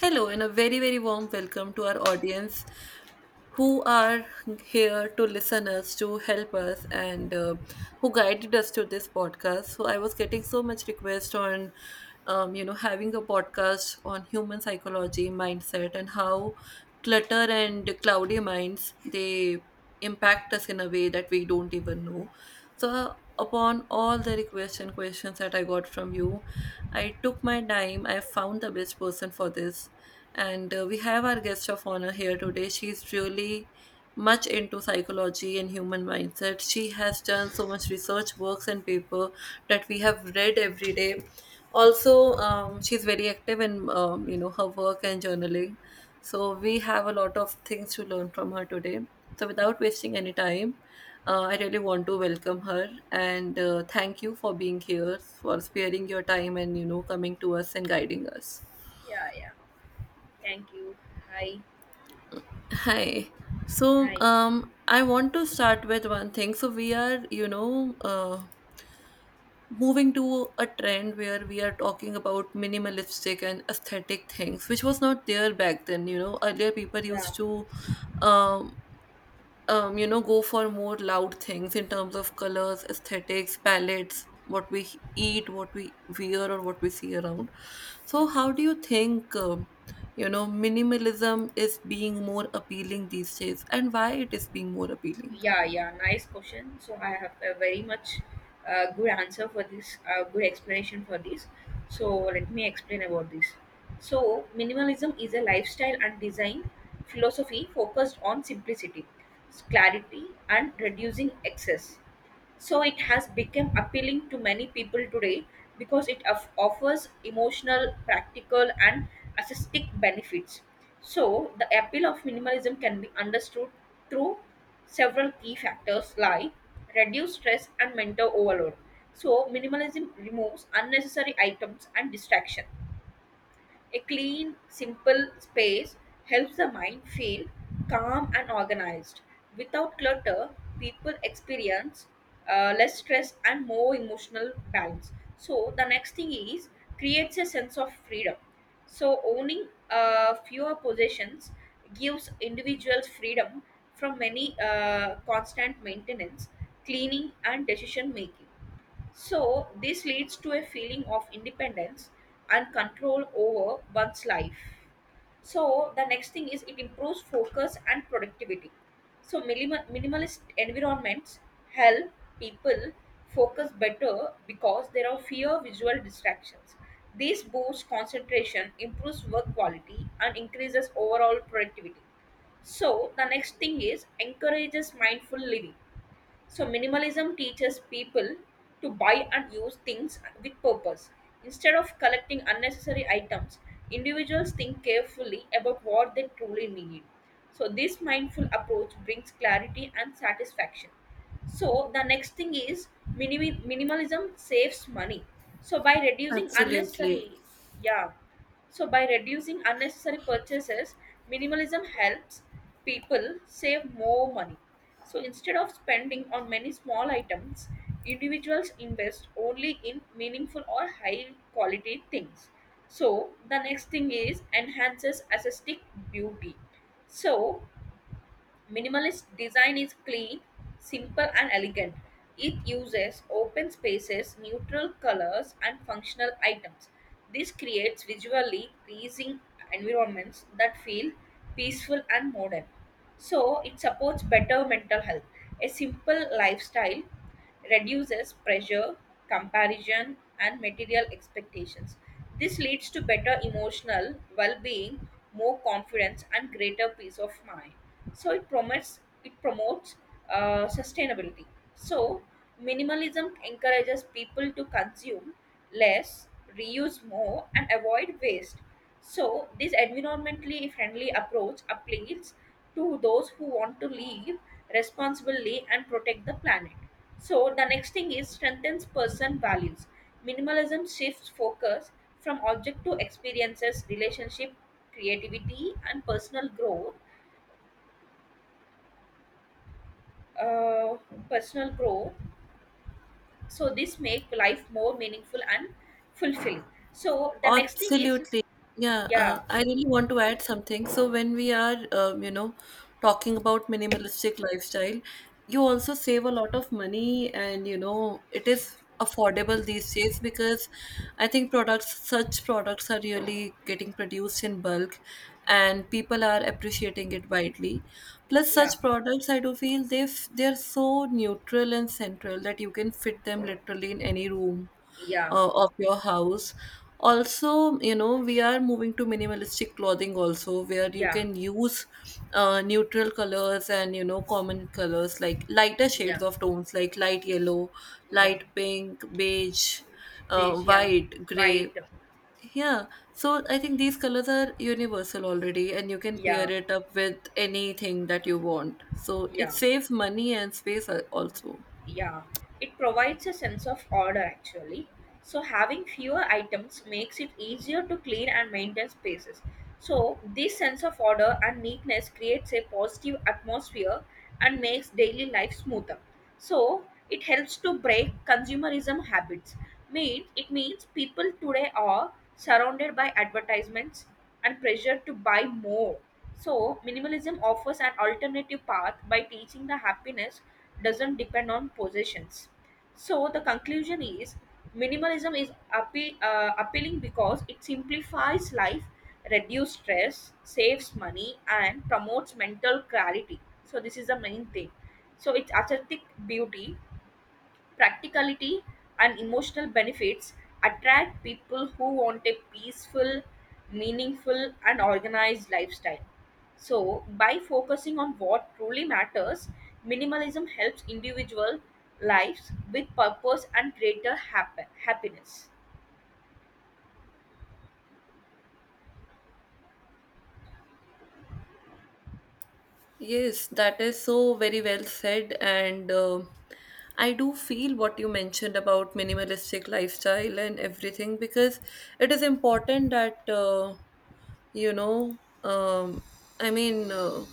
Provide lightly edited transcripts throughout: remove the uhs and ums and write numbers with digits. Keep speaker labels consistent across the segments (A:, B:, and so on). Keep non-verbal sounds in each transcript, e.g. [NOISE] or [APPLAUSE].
A: Hello, and a very, very warm welcome to our audience who are here to listen us, to help us, and who guided us to this podcast. So, I was getting so much request on, having a podcast on human psychology, mindset, and how clutter and cloudy minds they impact us in a way that we don't even know. So, upon all the requests and questions that I got from you, I took my time, I found the best person for this. And We have our guest of honor here today. She's really much into psychology and human mindset. She has done so much research works and paper that we have read every day. Also, she's very active in her work and journaling. So we have a lot of things to learn from her today. So without wasting any time, I really want to welcome her and thank you for being here, for sparing your time and coming to us and guiding us.
B: Yeah, yeah. Thank you. Hi.
A: Hi. So,
B: Hi.
A: I want to start with one thing. So, we are, moving to a trend where we are talking about minimalistic and aesthetic things, which was not there back then. You know, earlier people
B: Yeah.
A: used to um go for more loud things in terms of colors, aesthetics, palettes, what we eat, what we wear, or what we see around. So, how do you think, minimalism is being more appealing these days and why it is being more appealing?
B: Yeah, yeah. Nice question. So I have a very much good answer for this, good explanation for this. So let me explain about this. So minimalism is a lifestyle and design philosophy focused on simplicity, clarity, and reducing excess. So it has become appealing to many people today because offers emotional, practical, and aesthetic benefits. So the appeal of minimalism can be understood through several key factors, like reduce stress and mental overload. So minimalism removes unnecessary items and distraction. A clean, simple space helps the mind feel calm and organized. Without clutter, people experience less stress and more emotional balance. So, the next thing is creates a sense of freedom. So, owning fewer possessions gives individuals freedom from many constant maintenance, cleaning, and decision making. So, this leads to a feeling of independence and control over one's life. So, the next thing is it improves focus and productivity. So, minimalist environments help people focus better because there are fewer visual distractions. This boosts concentration, improves work quality, and increases overall productivity. So, the next thing is encourages mindful living. So, minimalism teaches people to buy and use things with purpose. Instead of collecting unnecessary items, individuals think carefully about what they truly need. So, this mindful approach brings clarity and satisfaction. So, the next thing is minimalism saves money. So, by reducing
A: Absolutely.
B: unnecessary, yeah. So, by reducing unnecessary purchases, minimalism helps people save more money. So, instead of spending on many small items, individuals invest only in meaningful or high quality things. So, the next thing is enhances aesthetic beauty. So, minimalist design is clean, simple, and elegant. It uses open spaces, neutral colors, and functional items. This creates visually pleasing environments that feel peaceful and modern. So, it supports better mental health. A simple lifestyle reduces pressure, comparison, and material expectations. This leads to better emotional well being, more confidence, and greater peace of mind. So, it promotes sustainability. So, minimalism encourages people to consume less, reuse more, and avoid waste. So, this environmentally friendly approach appeals to those who want to live responsibly and protect the planet. So the next thing is strengthens person values. Minimalism shifts focus from object to experiences, relationship, creativity, and personal growth. Uh, personal growth. So this make life more meaningful and fulfilling. So the next thing is
A: Absolutely. Yeah,
B: yeah,
A: I really want to add something. So when we are, talking about minimalistic lifestyle, you also save a lot of money and, you know, it is affordable these days because I think products, such products are really getting produced in bulk and people are appreciating it widely. Plus,
B: yeah,
A: such products, I do feel they're so neutral and central that you can fit them literally in any room
B: yeah,
A: of your house. Also, you know, we are moving to minimalistic clothing also, where you
B: yeah,
A: can use neutral colors and, you know, common colors like lighter shades
B: yeah,
A: of tones like light yellow,
B: yeah.
A: light pink, beige,
B: Beige, yeah.
A: white, gray.
B: White,
A: Yeah, so I think these colors are universal already, and you can pair
B: yeah,
A: it up with anything that you want. So
B: yeah,
A: it
B: yeah.
A: saves money and space also.
B: Yeah, it provides a sense of order actually. So having fewer items makes it easier to clean and maintain spaces. So this sense of order and neatness creates a positive atmosphere and makes daily life smoother. So it helps to break consumerism habits. Mean it means people today are surrounded by advertisements and pressure to buy more. So minimalism offers an alternative path by teaching the happiness doesn't depend on possessions. So the conclusion is minimalism is appealing because it simplifies life, reduces stress, saves money, and promotes mental clarity. So this is the main thing. So it's aesthetic beauty, practicality, and emotional benefits attract people who want a peaceful, meaningful, and organized lifestyle. So, by focusing on what truly matters, minimalism helps individual lives with purpose and greater happiness.
A: Yes, that is so very well said. And I do feel what you mentioned about minimalistic lifestyle and everything because it is important that you know um, I mean uh,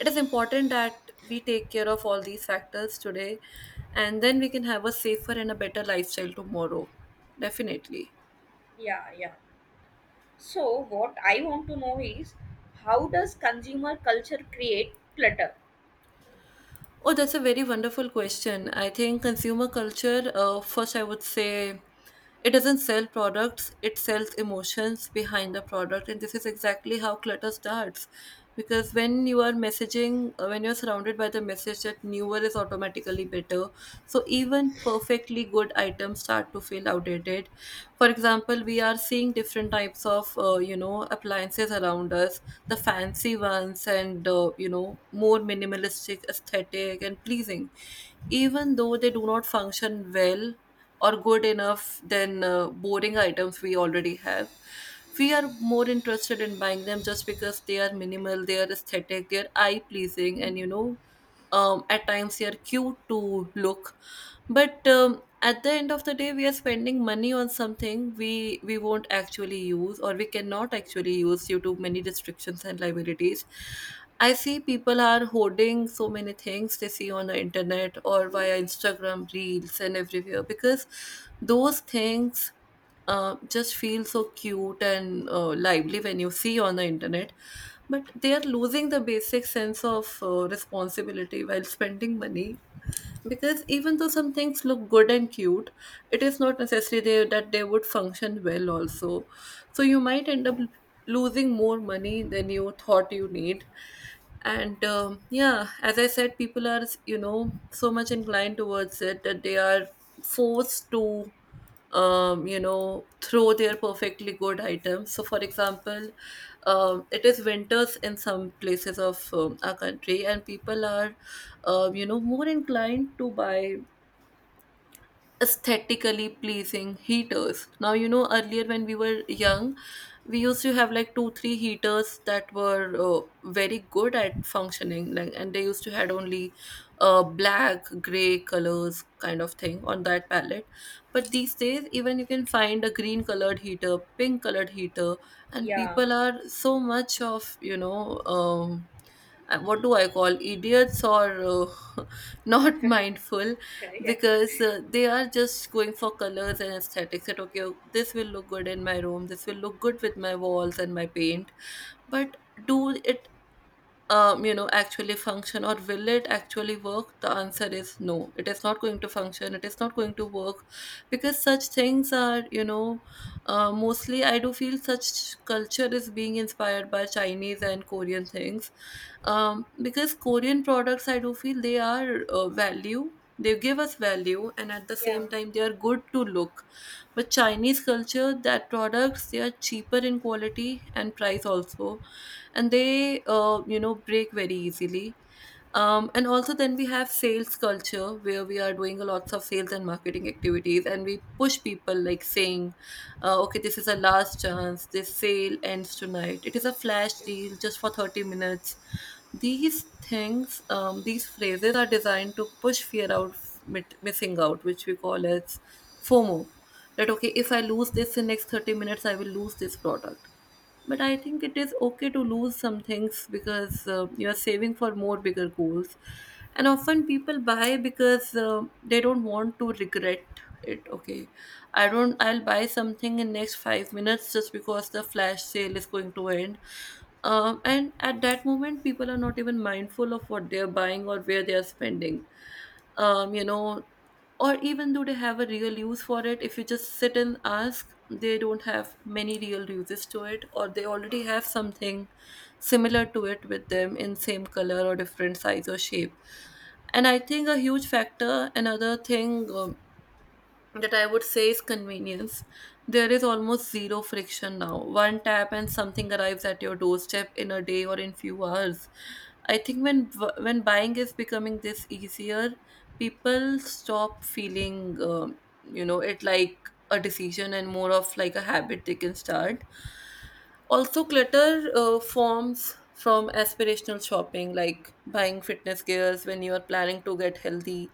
A: it is important that we take care of all these factors today and then we can have a safer and a better lifestyle tomorrow. Definitely.
B: Yeah, yeah. So, what I want to know is how does consumer culture create clutter?
A: Oh, that's a very wonderful question. I think consumer culture, first, I would say it doesn't sell products, it sells emotions behind the product. And this is exactly how clutter starts. Because when you're surrounded by the message that newer is automatically better, so even perfectly good items start to feel outdated. For example, we are seeing different types of appliances around us, the fancy ones and more minimalistic, aesthetic and pleasing. Even though they do not function well or good enough than boring items we already have, we are more interested in buying them just because they are minimal, they are aesthetic, they are eye pleasing, and at times they are cute to look, but at the end of the day we are spending money on something we won't actually use or we cannot actually use due to many restrictions and liabilities. I see people are hoarding so many things they see on the internet or via Instagram reels and everywhere because those things just feel so cute and lively when you see on the internet, but they are losing the basic sense of responsibility while spending money, because even though some things look good and cute, it is not necessary that they would function well also, so you might end up losing more money than you thought you need. And yeah, as I said, people are, you know, so much inclined towards it that they are forced to, throw their perfectly good items. So, for example, it is winters in some places of our country, and people are, more inclined to buy aesthetically pleasing heaters. Now, you know, earlier when we were young, we used to have like two, three heaters that were very good at functioning, like, and they used to had only black, gray colors kind of thing on that palette. But these days, even you can find a green colored heater, pink colored heater, and
B: Yeah.
A: people are so much of you know. What do I call, idiots or uh, [LAUGHS] not mindful,
B: [LAUGHS] Yeah.
A: because they are just going for colors and aesthetics that okay, this will look good in my room, this will look good with my walls and my paint, but do it, actually function or will it actually work? The answer is no. It is not going to function. It is not going to work, because such things are, you know, mostly I do feel such culture is being inspired by Chinese and Korean things, because Korean products I do feel they are value. They give us value and at the
B: Yeah.
A: same time they are good to look. But Chinese culture, that products they are cheaper in quality and price also, and they break very easily. And also, then we have sales culture where we are doing lots of sales and marketing activities and we push people like saying, okay, this is a last chance, this sale ends tonight, it is a flash
B: Yeah.
A: deal just for 30 minutes. These things, these phrases are designed to push fear out of missing out, which we call as FOMO. That okay, if I lose this in next 30 minutes, I will lose this product. But I think it is okay to lose some things because you are saving for more bigger goals. And often people buy because they don't want to regret it. Okay, I don't I'll buy something in next 5 minutes just because the flash sale is going to end. And at that moment people are not even mindful of what they're buying or where they are spending. Um, you know, or even though they have a real use for it, if you just sit and ask, they don't have many real uses to it, or they already have something similar to it with them in same color or different size or shape. And I think a huge factor, another thing that I would say is convenience. There is almost zero friction now. One tap and something arrives at your doorstep in a day or in few hours. I think when buying is becoming this easier, people stop feeling, it like a decision and more of like a habit they can start. Also, clutter forms from aspirational shopping, like buying fitness gears when you are planning to get healthy,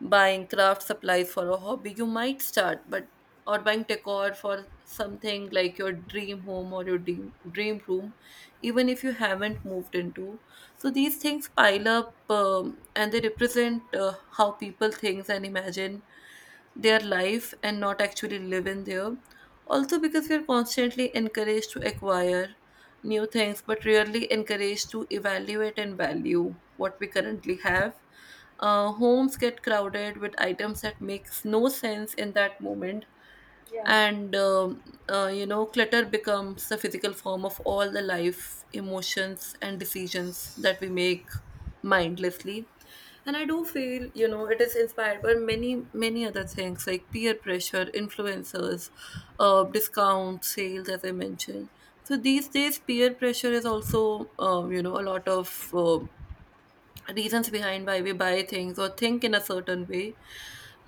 A: buying craft supplies for a hobby you might start, but or buying decor for something like your dream home or your dream room, even if you haven't moved into. So these things pile up, and they represent how people think and imagine their life and not actually live in there, also because we are constantly encouraged to acquire new things, but rarely encouraged to evaluate and value what we currently have. Homes get crowded with items that makes no sense in that moment,
B: Yeah.
A: and clutter becomes the physical form of all the life emotions and decisions that we make mindlessly. And I do feel, you know, it is inspired by many, many other things like peer pressure, influencers, discount sales as I mentioned. So these days peer pressure is also, a lot of reasons behind why we buy things or think in a certain way,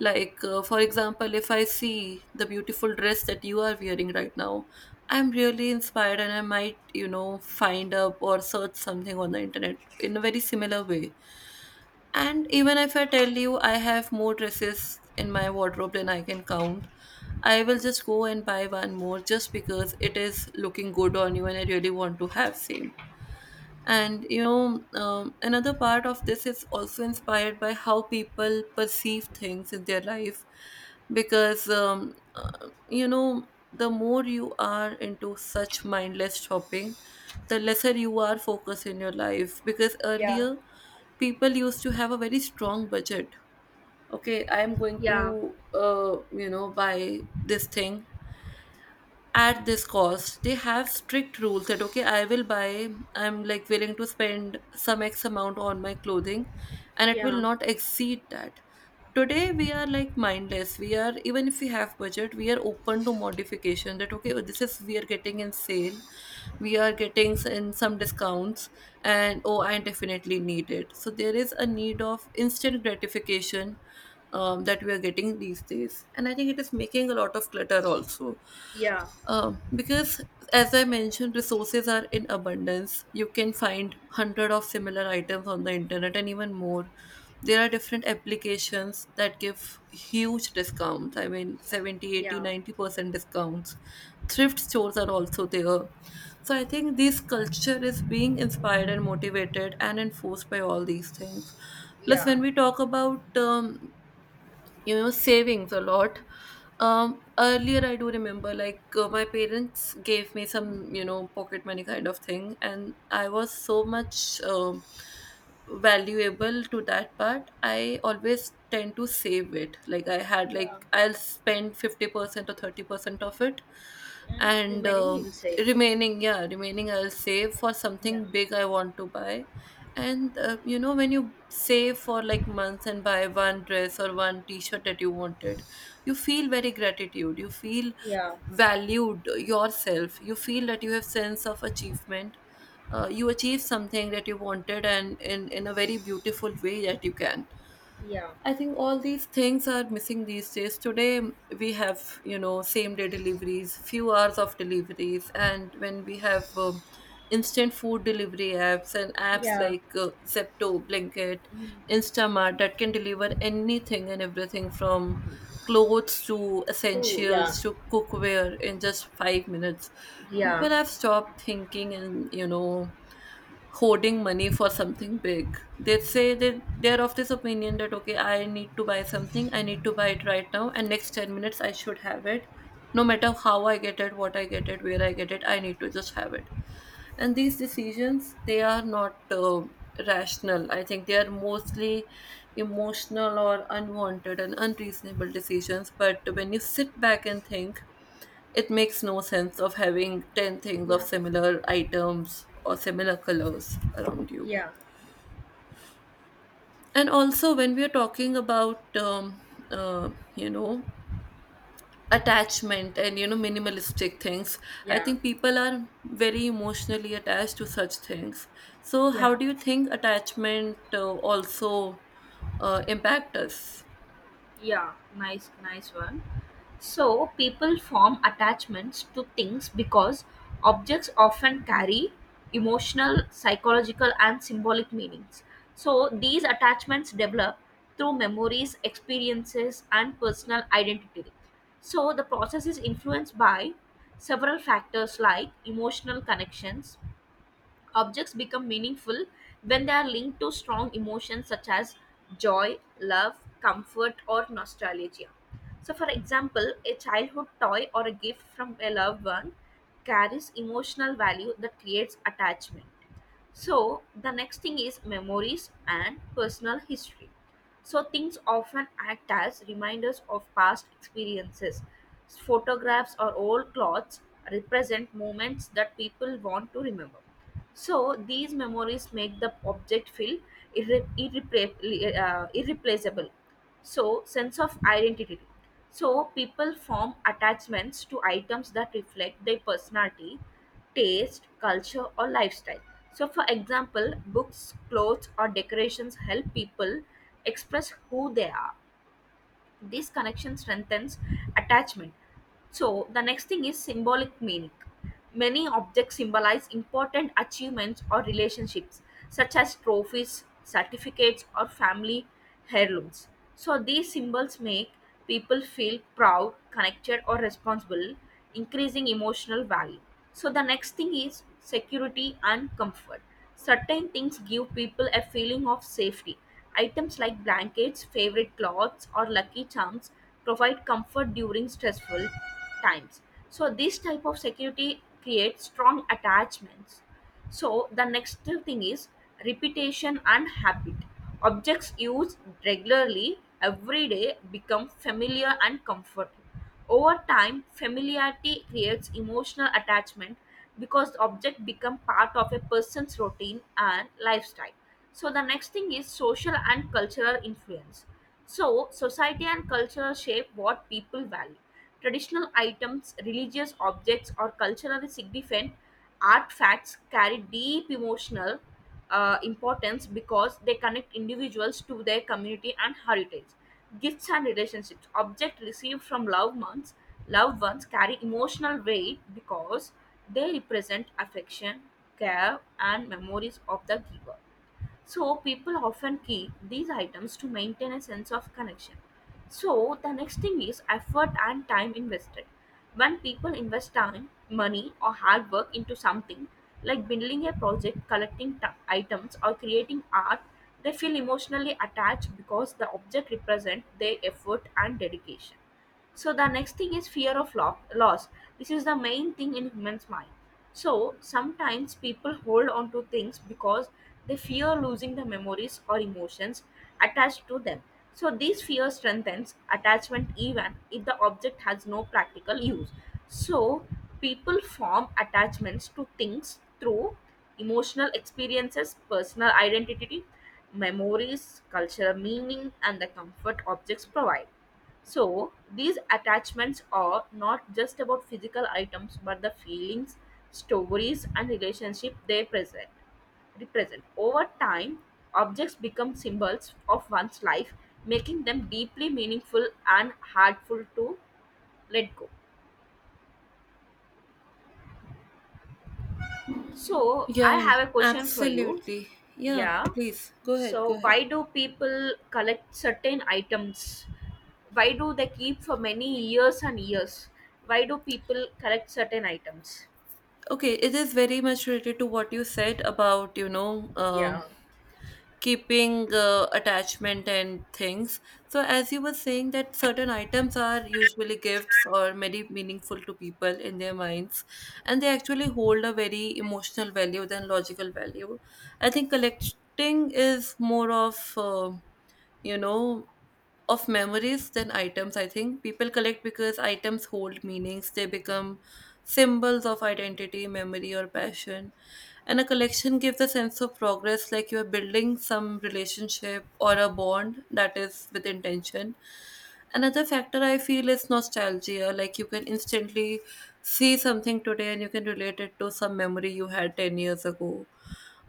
A: like, for example, if I see the beautiful dress that you are wearing right now, I'm really inspired and I might, you know, find up or search something on the internet in a very similar way. And even if I tell you I have more dresses in my wardrobe than I can count, I will just go and buy one more just because it is looking good on you and I really want to have same. And another part of this is also inspired by how people perceive things in their life, because the more you are into such mindless shopping, the lesser you are focused in your life. Because earlier, people used to have a very strong budget. Okay, I am going
B: Yeah.
A: to, buy this thing at this cost. They have strict rules that, okay, I will buy. I'm like willing to spend some x amount on my clothing, and it will
B: Yeah.
A: not exceed that. Today we are like mindless. We are, even if we have budget, we are open to modification, that okay, this is we are getting in sale. We are getting in some discounts, and oh, I definitely need it. So there is a need of instant gratification that we are getting these days. And I think it is making a lot of clutter also.
B: Yeah.
A: Because, as I mentioned, resources are in abundance. You can find hundred of similar items on the internet and even more. There are different applications that give huge discounts. I mean, 70, 80,
B: Yeah,
A: 90% discounts. Thrift stores are also there. So I think this culture is being inspired and motivated and enforced by all these things. Plus,
B: yeah,
A: when we talk about savings a lot. Earlier, I do remember, like, my parents gave me some pocket money kind of thing, and I was so much valuable to that part. I always tend to save it. Like, I had,
B: yeah,
A: like, I'll spend 50% or 30% of it.
B: and
A: And
B: remaining inside.
A: remaining, yeah, remaining, I'll save for
B: Yeah.
A: something big I want to buy. And you know, when you save for like months and buy one dress or one t-shirt that you wanted, you feel very gratitude. You feel
B: Yeah,
A: valued yourself. You feel that you have sense of achievement. You achieve something that you wanted, and in a very beautiful way that you can.
B: yeah,
A: I think all these things are missing these days. Today we have, you know, same day deliveries, few hours of deliveries. And when we have instant food delivery apps and apps
B: yeah,
A: like Zepto, Blinkit,
B: mm,
A: Instamart that can deliver anything and everything from clothes to
B: two, yeah,
A: essentials to cookware in just 5 minutes,
B: yeah.
A: people have stopped thinking and, you know, hoarding money for something big. They say that they're of this opinion that, okay, I need to buy something, I need to buy it right now, and next 10 minutes I should have it. No matter how I get it, what I get it, where I get it, I need to just have it. And these decisions, they are not rational. I think they are mostly emotional or unwanted and unreasonable decisions. But when you sit back and think, it makes no sense of having 10 things of
B: Yeah.
A: similar items or similar colors around you.
B: Yeah,
A: And also, when we are talking about, uh, you know, attachment and, you know, minimalistic things, I
B: yeah,
A: think people are very emotionally attached to such things. So, how
B: yeah,
A: do you think attachment also impact us?
B: yeah. Nice, nice one. So, people form attachments to things because objects often carry emotional, psychological, and symbolic meanings. So, these attachments develop through memories, experiences, and personal identity. So, the process is influenced by several factors like emotional connections. Objects become meaningful when they are linked to strong emotions such as joy, love, comfort, or nostalgia. So, for example, a childhood toy or a gift from a loved one carries emotional value that creates attachment. So, the next thing is memories and personal history. So things often act as reminders of past experiences. Photographs or old clothes represent moments that people want to remember. So these memories make the object feel irreplaceable. So sense of identity. So people form attachments to items that reflect their personality, taste, culture, or lifestyle. So, for example, books, clothes, or decorations help people express who they are. This connection strengthens attachment. So the next thing is symbolic meaning. Many objects symbolize important achievements or relationships, such as trophies, certificates, or family heirlooms. So these symbols make people feel proud, connected, or responsible, increasing emotional value. So the next thing is security and comfort. Certain things give people a feeling of safety. Items like blankets, favorite clothes, or lucky charms provide comfort during stressful times. So this type of security creates strong attachments. So the next thing is repetition and habit. Objects used regularly every day become familiar and comfortable. Over time, familiarity creates emotional attachment because the object become part of a person's routine and lifestyle. So the next thing is social and cultural influence. So society and culture shape what people value. Traditional items, religious objects, or culturally significant artifacts carry deep emotional importance because they connect individuals to their community and heritage. Gifts and relationships. Objects received loved ones carry emotional weight because they represent affection, care, and memories of the giver. So people often keep these items to maintain a sense of connection. So the next thing is effort and time invested. When people invest time, money, or hard work into something, like building a project, items, or creating art, they feel emotionally attached because the object represents their effort and dedication. So the next thing is fear of loss. This is the main thing in humans mind. So sometimes people hold on to things because they fear losing the memories or emotions attached to them. So this fear strengthens attachment even if the object has no practical use. So people form attachments to things through emotional experiences, personal identity, memories, cultural meaning, and the comfort objects provide. So, these attachments are not just about physical items but the feelings, stories, and relationship they present represent. Over time, objects become symbols of one's life, making them deeply meaningful and hardful to let go. So,
A: Yeah,
B: I have a question for you.
A: absolutely. Yeah,
B: Yeah.
A: please go ahead. Go
B: So,
A: ahead.
B: why do people collect certain items? Why do they keep for many years and years? Why do people collect certain items?
A: Okay, it is very much related to what you said about, you know,
B: Yeah.
A: keeping attachment and things. So, as you were saying, that certain items are usually gifts or very meaningful to people in their minds, and they actually hold a very emotional value than logical value. I think collecting is more of you know of memories than items. I think people collect because items hold meanings. They become symbols of identity, memory, or passion. And a collection gives a sense of progress, like you're building some relationship or a bond that is with intention. Another factor I feel is nostalgia. Like, you can instantly see something today and you can relate it to some memory you had 10 years ago.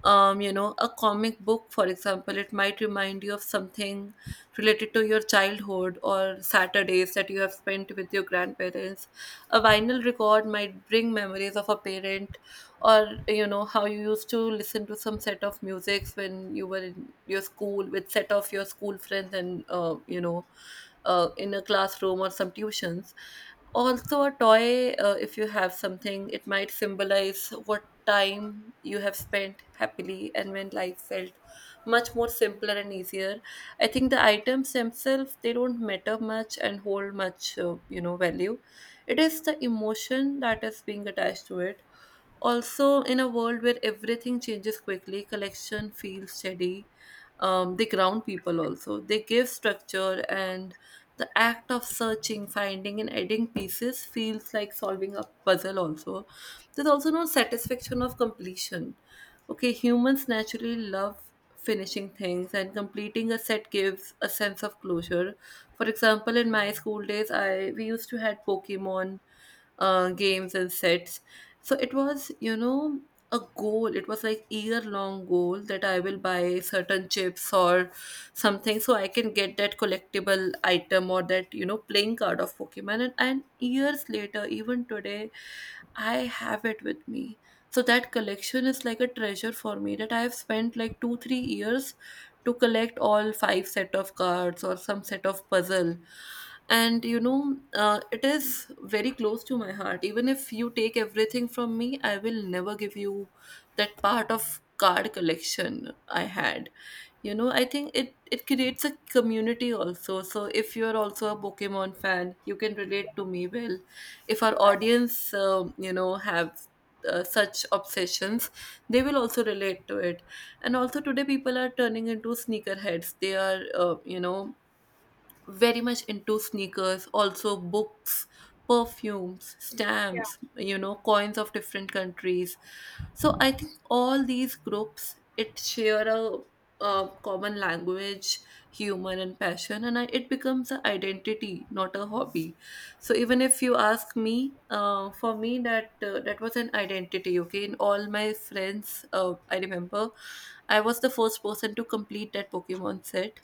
A: A comic book, for example, it might remind you of something related to your childhood or Saturdays that you have spent with your grandparents. A vinyl record might bring memories of a parent, or, you know, how you used to listen to some set of musics when you were in your school with set of your school friends. And, in a classroom or some tuitions. Also, a toy, if you have something, it might symbolize what time you have spent happily and when life felt much more simpler and easier. I think the items themselves they don't matter much and hold much value. It is the emotion that is being attached to it. Also, in a world where everything changes quickly, collection feels steady. They ground people also. They give structure, and the act of searching, finding, and adding pieces feels like solving a puzzle also. There's also no satisfaction of completion. Okay, humans naturally love finishing things, and completing a set gives a sense of closure. For example, in my school days, I we used to had Pokemon games and sets. So it was, you know, a goal. It was like year long goal that I will buy certain chips or something so I can get that collectible item, or that, you know, playing card of Pokemon. And years later, even today, I have it with me. So that collection is like a treasure for me that I have spent like two, 3 years to collect all five set of cards or some set of puzzle. And you know, it is very close to my heart. Even if you take everything from me, I will never give you that part of card collection I had. You know, I think it creates a community also. So if you're also a Pokemon fan, you can relate to me well. If our
B: Yeah.
A: audience have such obsessions, they will also relate to it. And also today, people are turning into sneakerheads. They are, very much into sneakers, also books, perfumes,
B: Yeah.
A: stamps, you know, coins of different countries. So I think all these groups it share a common language, humor, and passion. And it becomes an identity, not a hobby. So even if you ask me, for me, that was an identity. Okay, in all my friends, I remember I was the first person to complete that Pokemon set.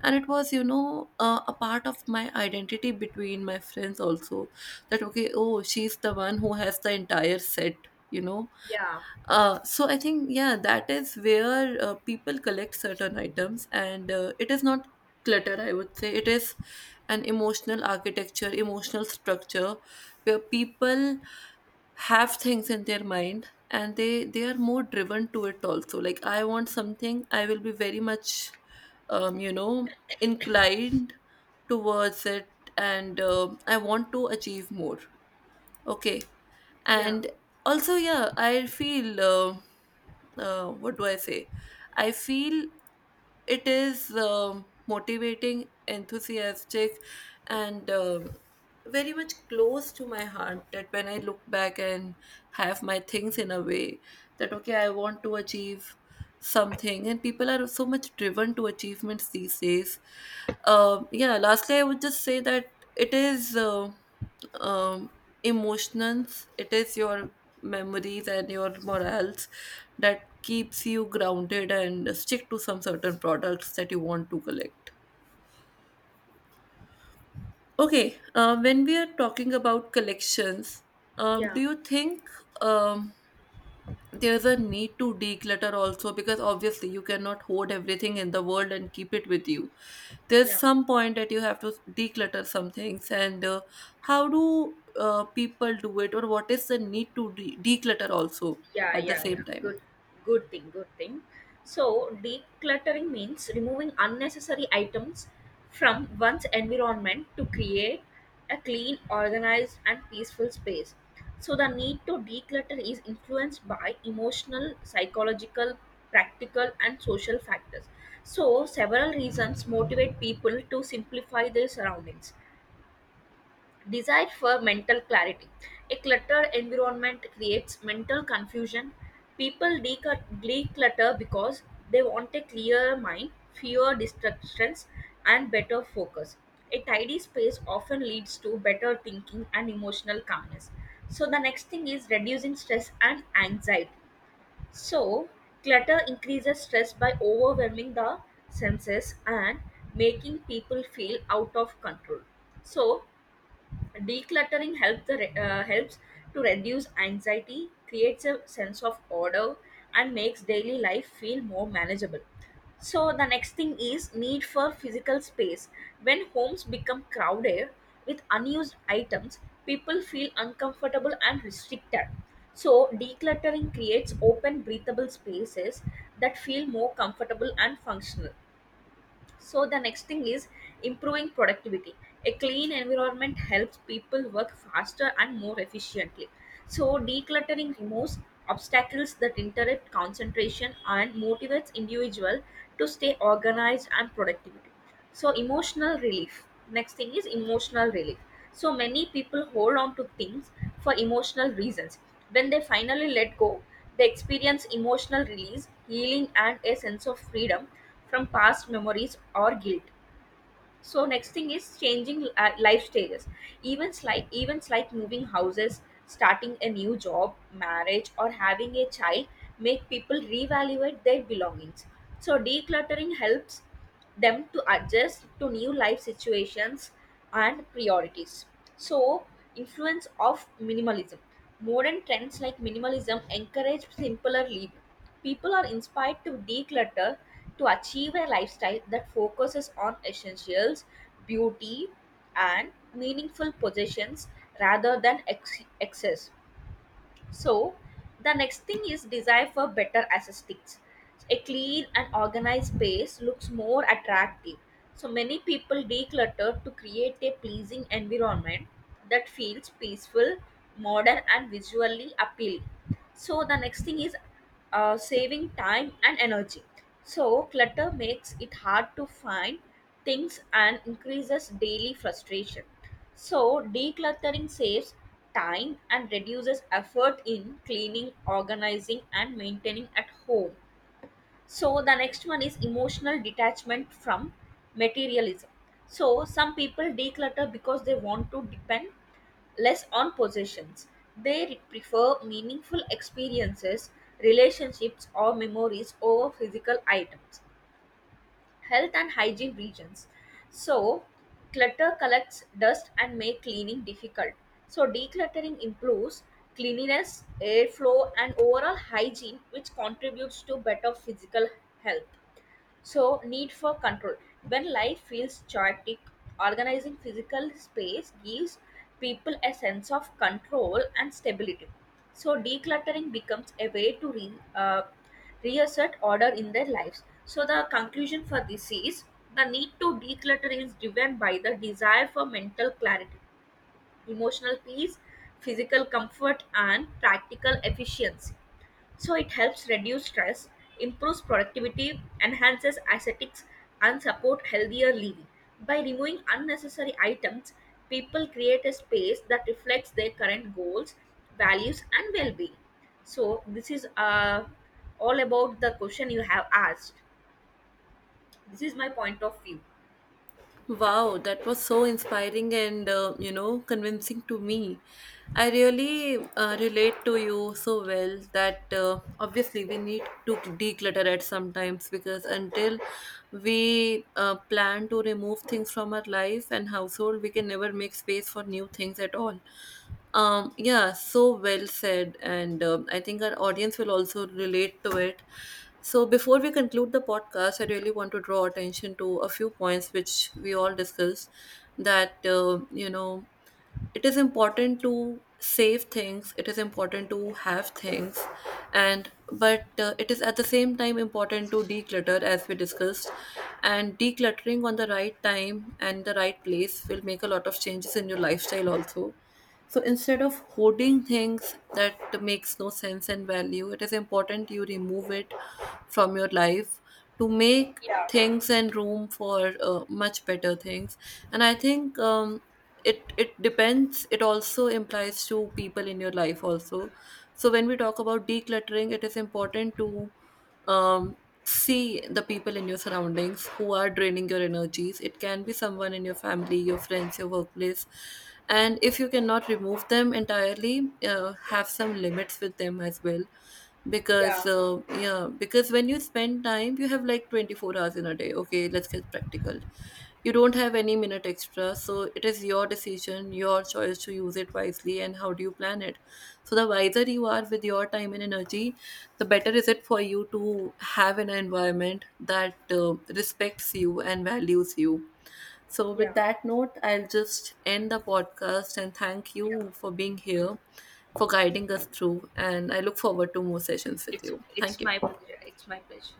A: And it was, you know, a part of my identity between my friends also. That, okay, oh, she's the one who has the entire set, you know.
B: Yeah.
A: So I think, yeah, that is where people collect certain items. And it is not clutter, I would say. It is an emotional architecture, emotional structure, where people have things in their mind, and they are more driven to it also. Like, I want something, I will be very much um you know inclined towards it. And I want to achieve more. Okay.
B: Yeah.
A: And also, yeah, I feel, what do I say, I feel it is motivating, enthusiastic, and very much close to my heart. That when I look back and have my things in a way that, okay, I want to achieve something, and people are so much driven to achievements these days. Yeah, lastly, I would just say that it is um, emotions. It is your memories and your morals that keeps you grounded and stick to some certain products that you want to collect. Okay, when we are talking about collections,
B: Yeah.
A: do you think um, there's a need to declutter also? Because obviously, you cannot hoard everything in the world and keep it with you. There's
B: Yeah.
A: some point that you have to declutter some things. And how do people do it, or what is the need to declutter also
B: Yeah.
A: at the
B: Yeah. Yeah.
A: same time?
B: Good. Good thing. Good thing. So decluttering means removing unnecessary items from one's environment to create a clean, organized, and peaceful space. So the need to declutter is influenced by emotional, psychological, practical, and social factors. So several reasons motivate people to simplify their surroundings. Desire for mental clarity. A cluttered environment creates mental confusion. People declutter because they want a clear mind, fewer distractions, and better focus. A tidy space often leads to better thinking and emotional calmness. So, the next thing is reducing stress and anxiety. So, clutter increases stress by overwhelming the senses and making people feel out of control. So, decluttering helps to reduce anxiety, creates a sense of order, and makes daily life feel more manageable. So the next thing is need for physical space. When homes become crowded with unused items, people feel uncomfortable and restricted. So decluttering creates open breathable spaces that feel more comfortable and functional. So the next thing is improving productivity. A clean environment helps people work faster and more efficiently. So decluttering removes obstacles that interrupt concentration and motivates individual to stay organized and productivity. So emotional relief next thing is emotional relief. So many people hold on to things for emotional reasons. When they finally let go, they experience emotional release, healing, and a sense of freedom from past memories or guilt. So next thing is changing life stages. Even like events like moving houses, starting a new job, marriage, or having a child make people reevaluate their belongings. So decluttering helps them to adjust to new life situations and priorities. So influence of minimalism. Modern trends like minimalism encourage simpler living. People are inspired to declutter to achieve a lifestyle that focuses on essentials, beauty, and meaningful possessions rather than excess. So, the next thing is desire for better aesthetics. A clean and organized space looks more attractive. So, many people declutter to create a pleasing environment that feels peaceful, modern, and visually appealing. So, the next thing is saving time and energy. So, clutter makes it hard to find things and increases daily frustration. So, decluttering saves time and reduces effort in cleaning, organizing, and maintaining at home. So the next one is emotional detachment from materialism. So some people declutter because they want to depend less on possessions. They prefer meaningful experiences, relationships, or memories over physical items. Health and hygiene regions. So clutter collects dust and make cleaning difficult. So decluttering improves cleanliness, airflow, and overall hygiene, which contributes to better physical health. So, need for control. When life feels chaotic, organizing physical space gives people a sense of control and stability. So, decluttering becomes a way to reassert order in their lives. So, the conclusion for this is the need to declutter is driven by the desire for mental clarity, emotional peace, physical comfort, and practical efficiency. So it helps reduce stress, improves productivity, enhances aesthetics, and support healthier living. By removing unnecessary items, people create a space that reflects their current goals, values, and well-being. So this is all about the question you have asked. This is my point of view.
A: Wow, that was so inspiring and convincing to me. I really relate to you so well that obviously we need to declutter at sometimes, because until we plan to remove things from our life and household, we can never make space for new things at all. Yeah, so well said, and I think our audience will also relate to it. So, before we conclude the podcast, I really want to draw attention to a few points which we all discussed. That, it is important to save things, it is important to have things. And but it is at the same time important to declutter as we discussed. And decluttering on the right time and the right place will make a lot of changes in your lifestyle also. So instead of hoarding things that makes no sense and value, it is important you remove it from your life, to make
B: Yeah,
A: things and room for much better things. And I think it depends. It also implies to people in your life also. So when we talk about decluttering, it is important to um, see the people in your surroundings who are draining your energies. It can be someone in your family, your friends, your workplace. And if you cannot remove them entirely, have some limits with them as well.
B: yeah,
A: Because because when you spend time, you have like 24 hours in a day. Okay, let's get practical. You don't have any minute extra. So it is your decision, your choice to use it wisely, and how do you plan it. So the wiser you are with your time and energy, the better is it for you to have an environment that respects you and values you. So, with
B: yeah,
A: that note, I'll just end the podcast and thank
B: yeah.
A: you for being here, for guiding us through. And I look forward to more sessions with
B: It's
A: you. Thank
B: it's my
A: you.
B: pleasure. It's my pleasure.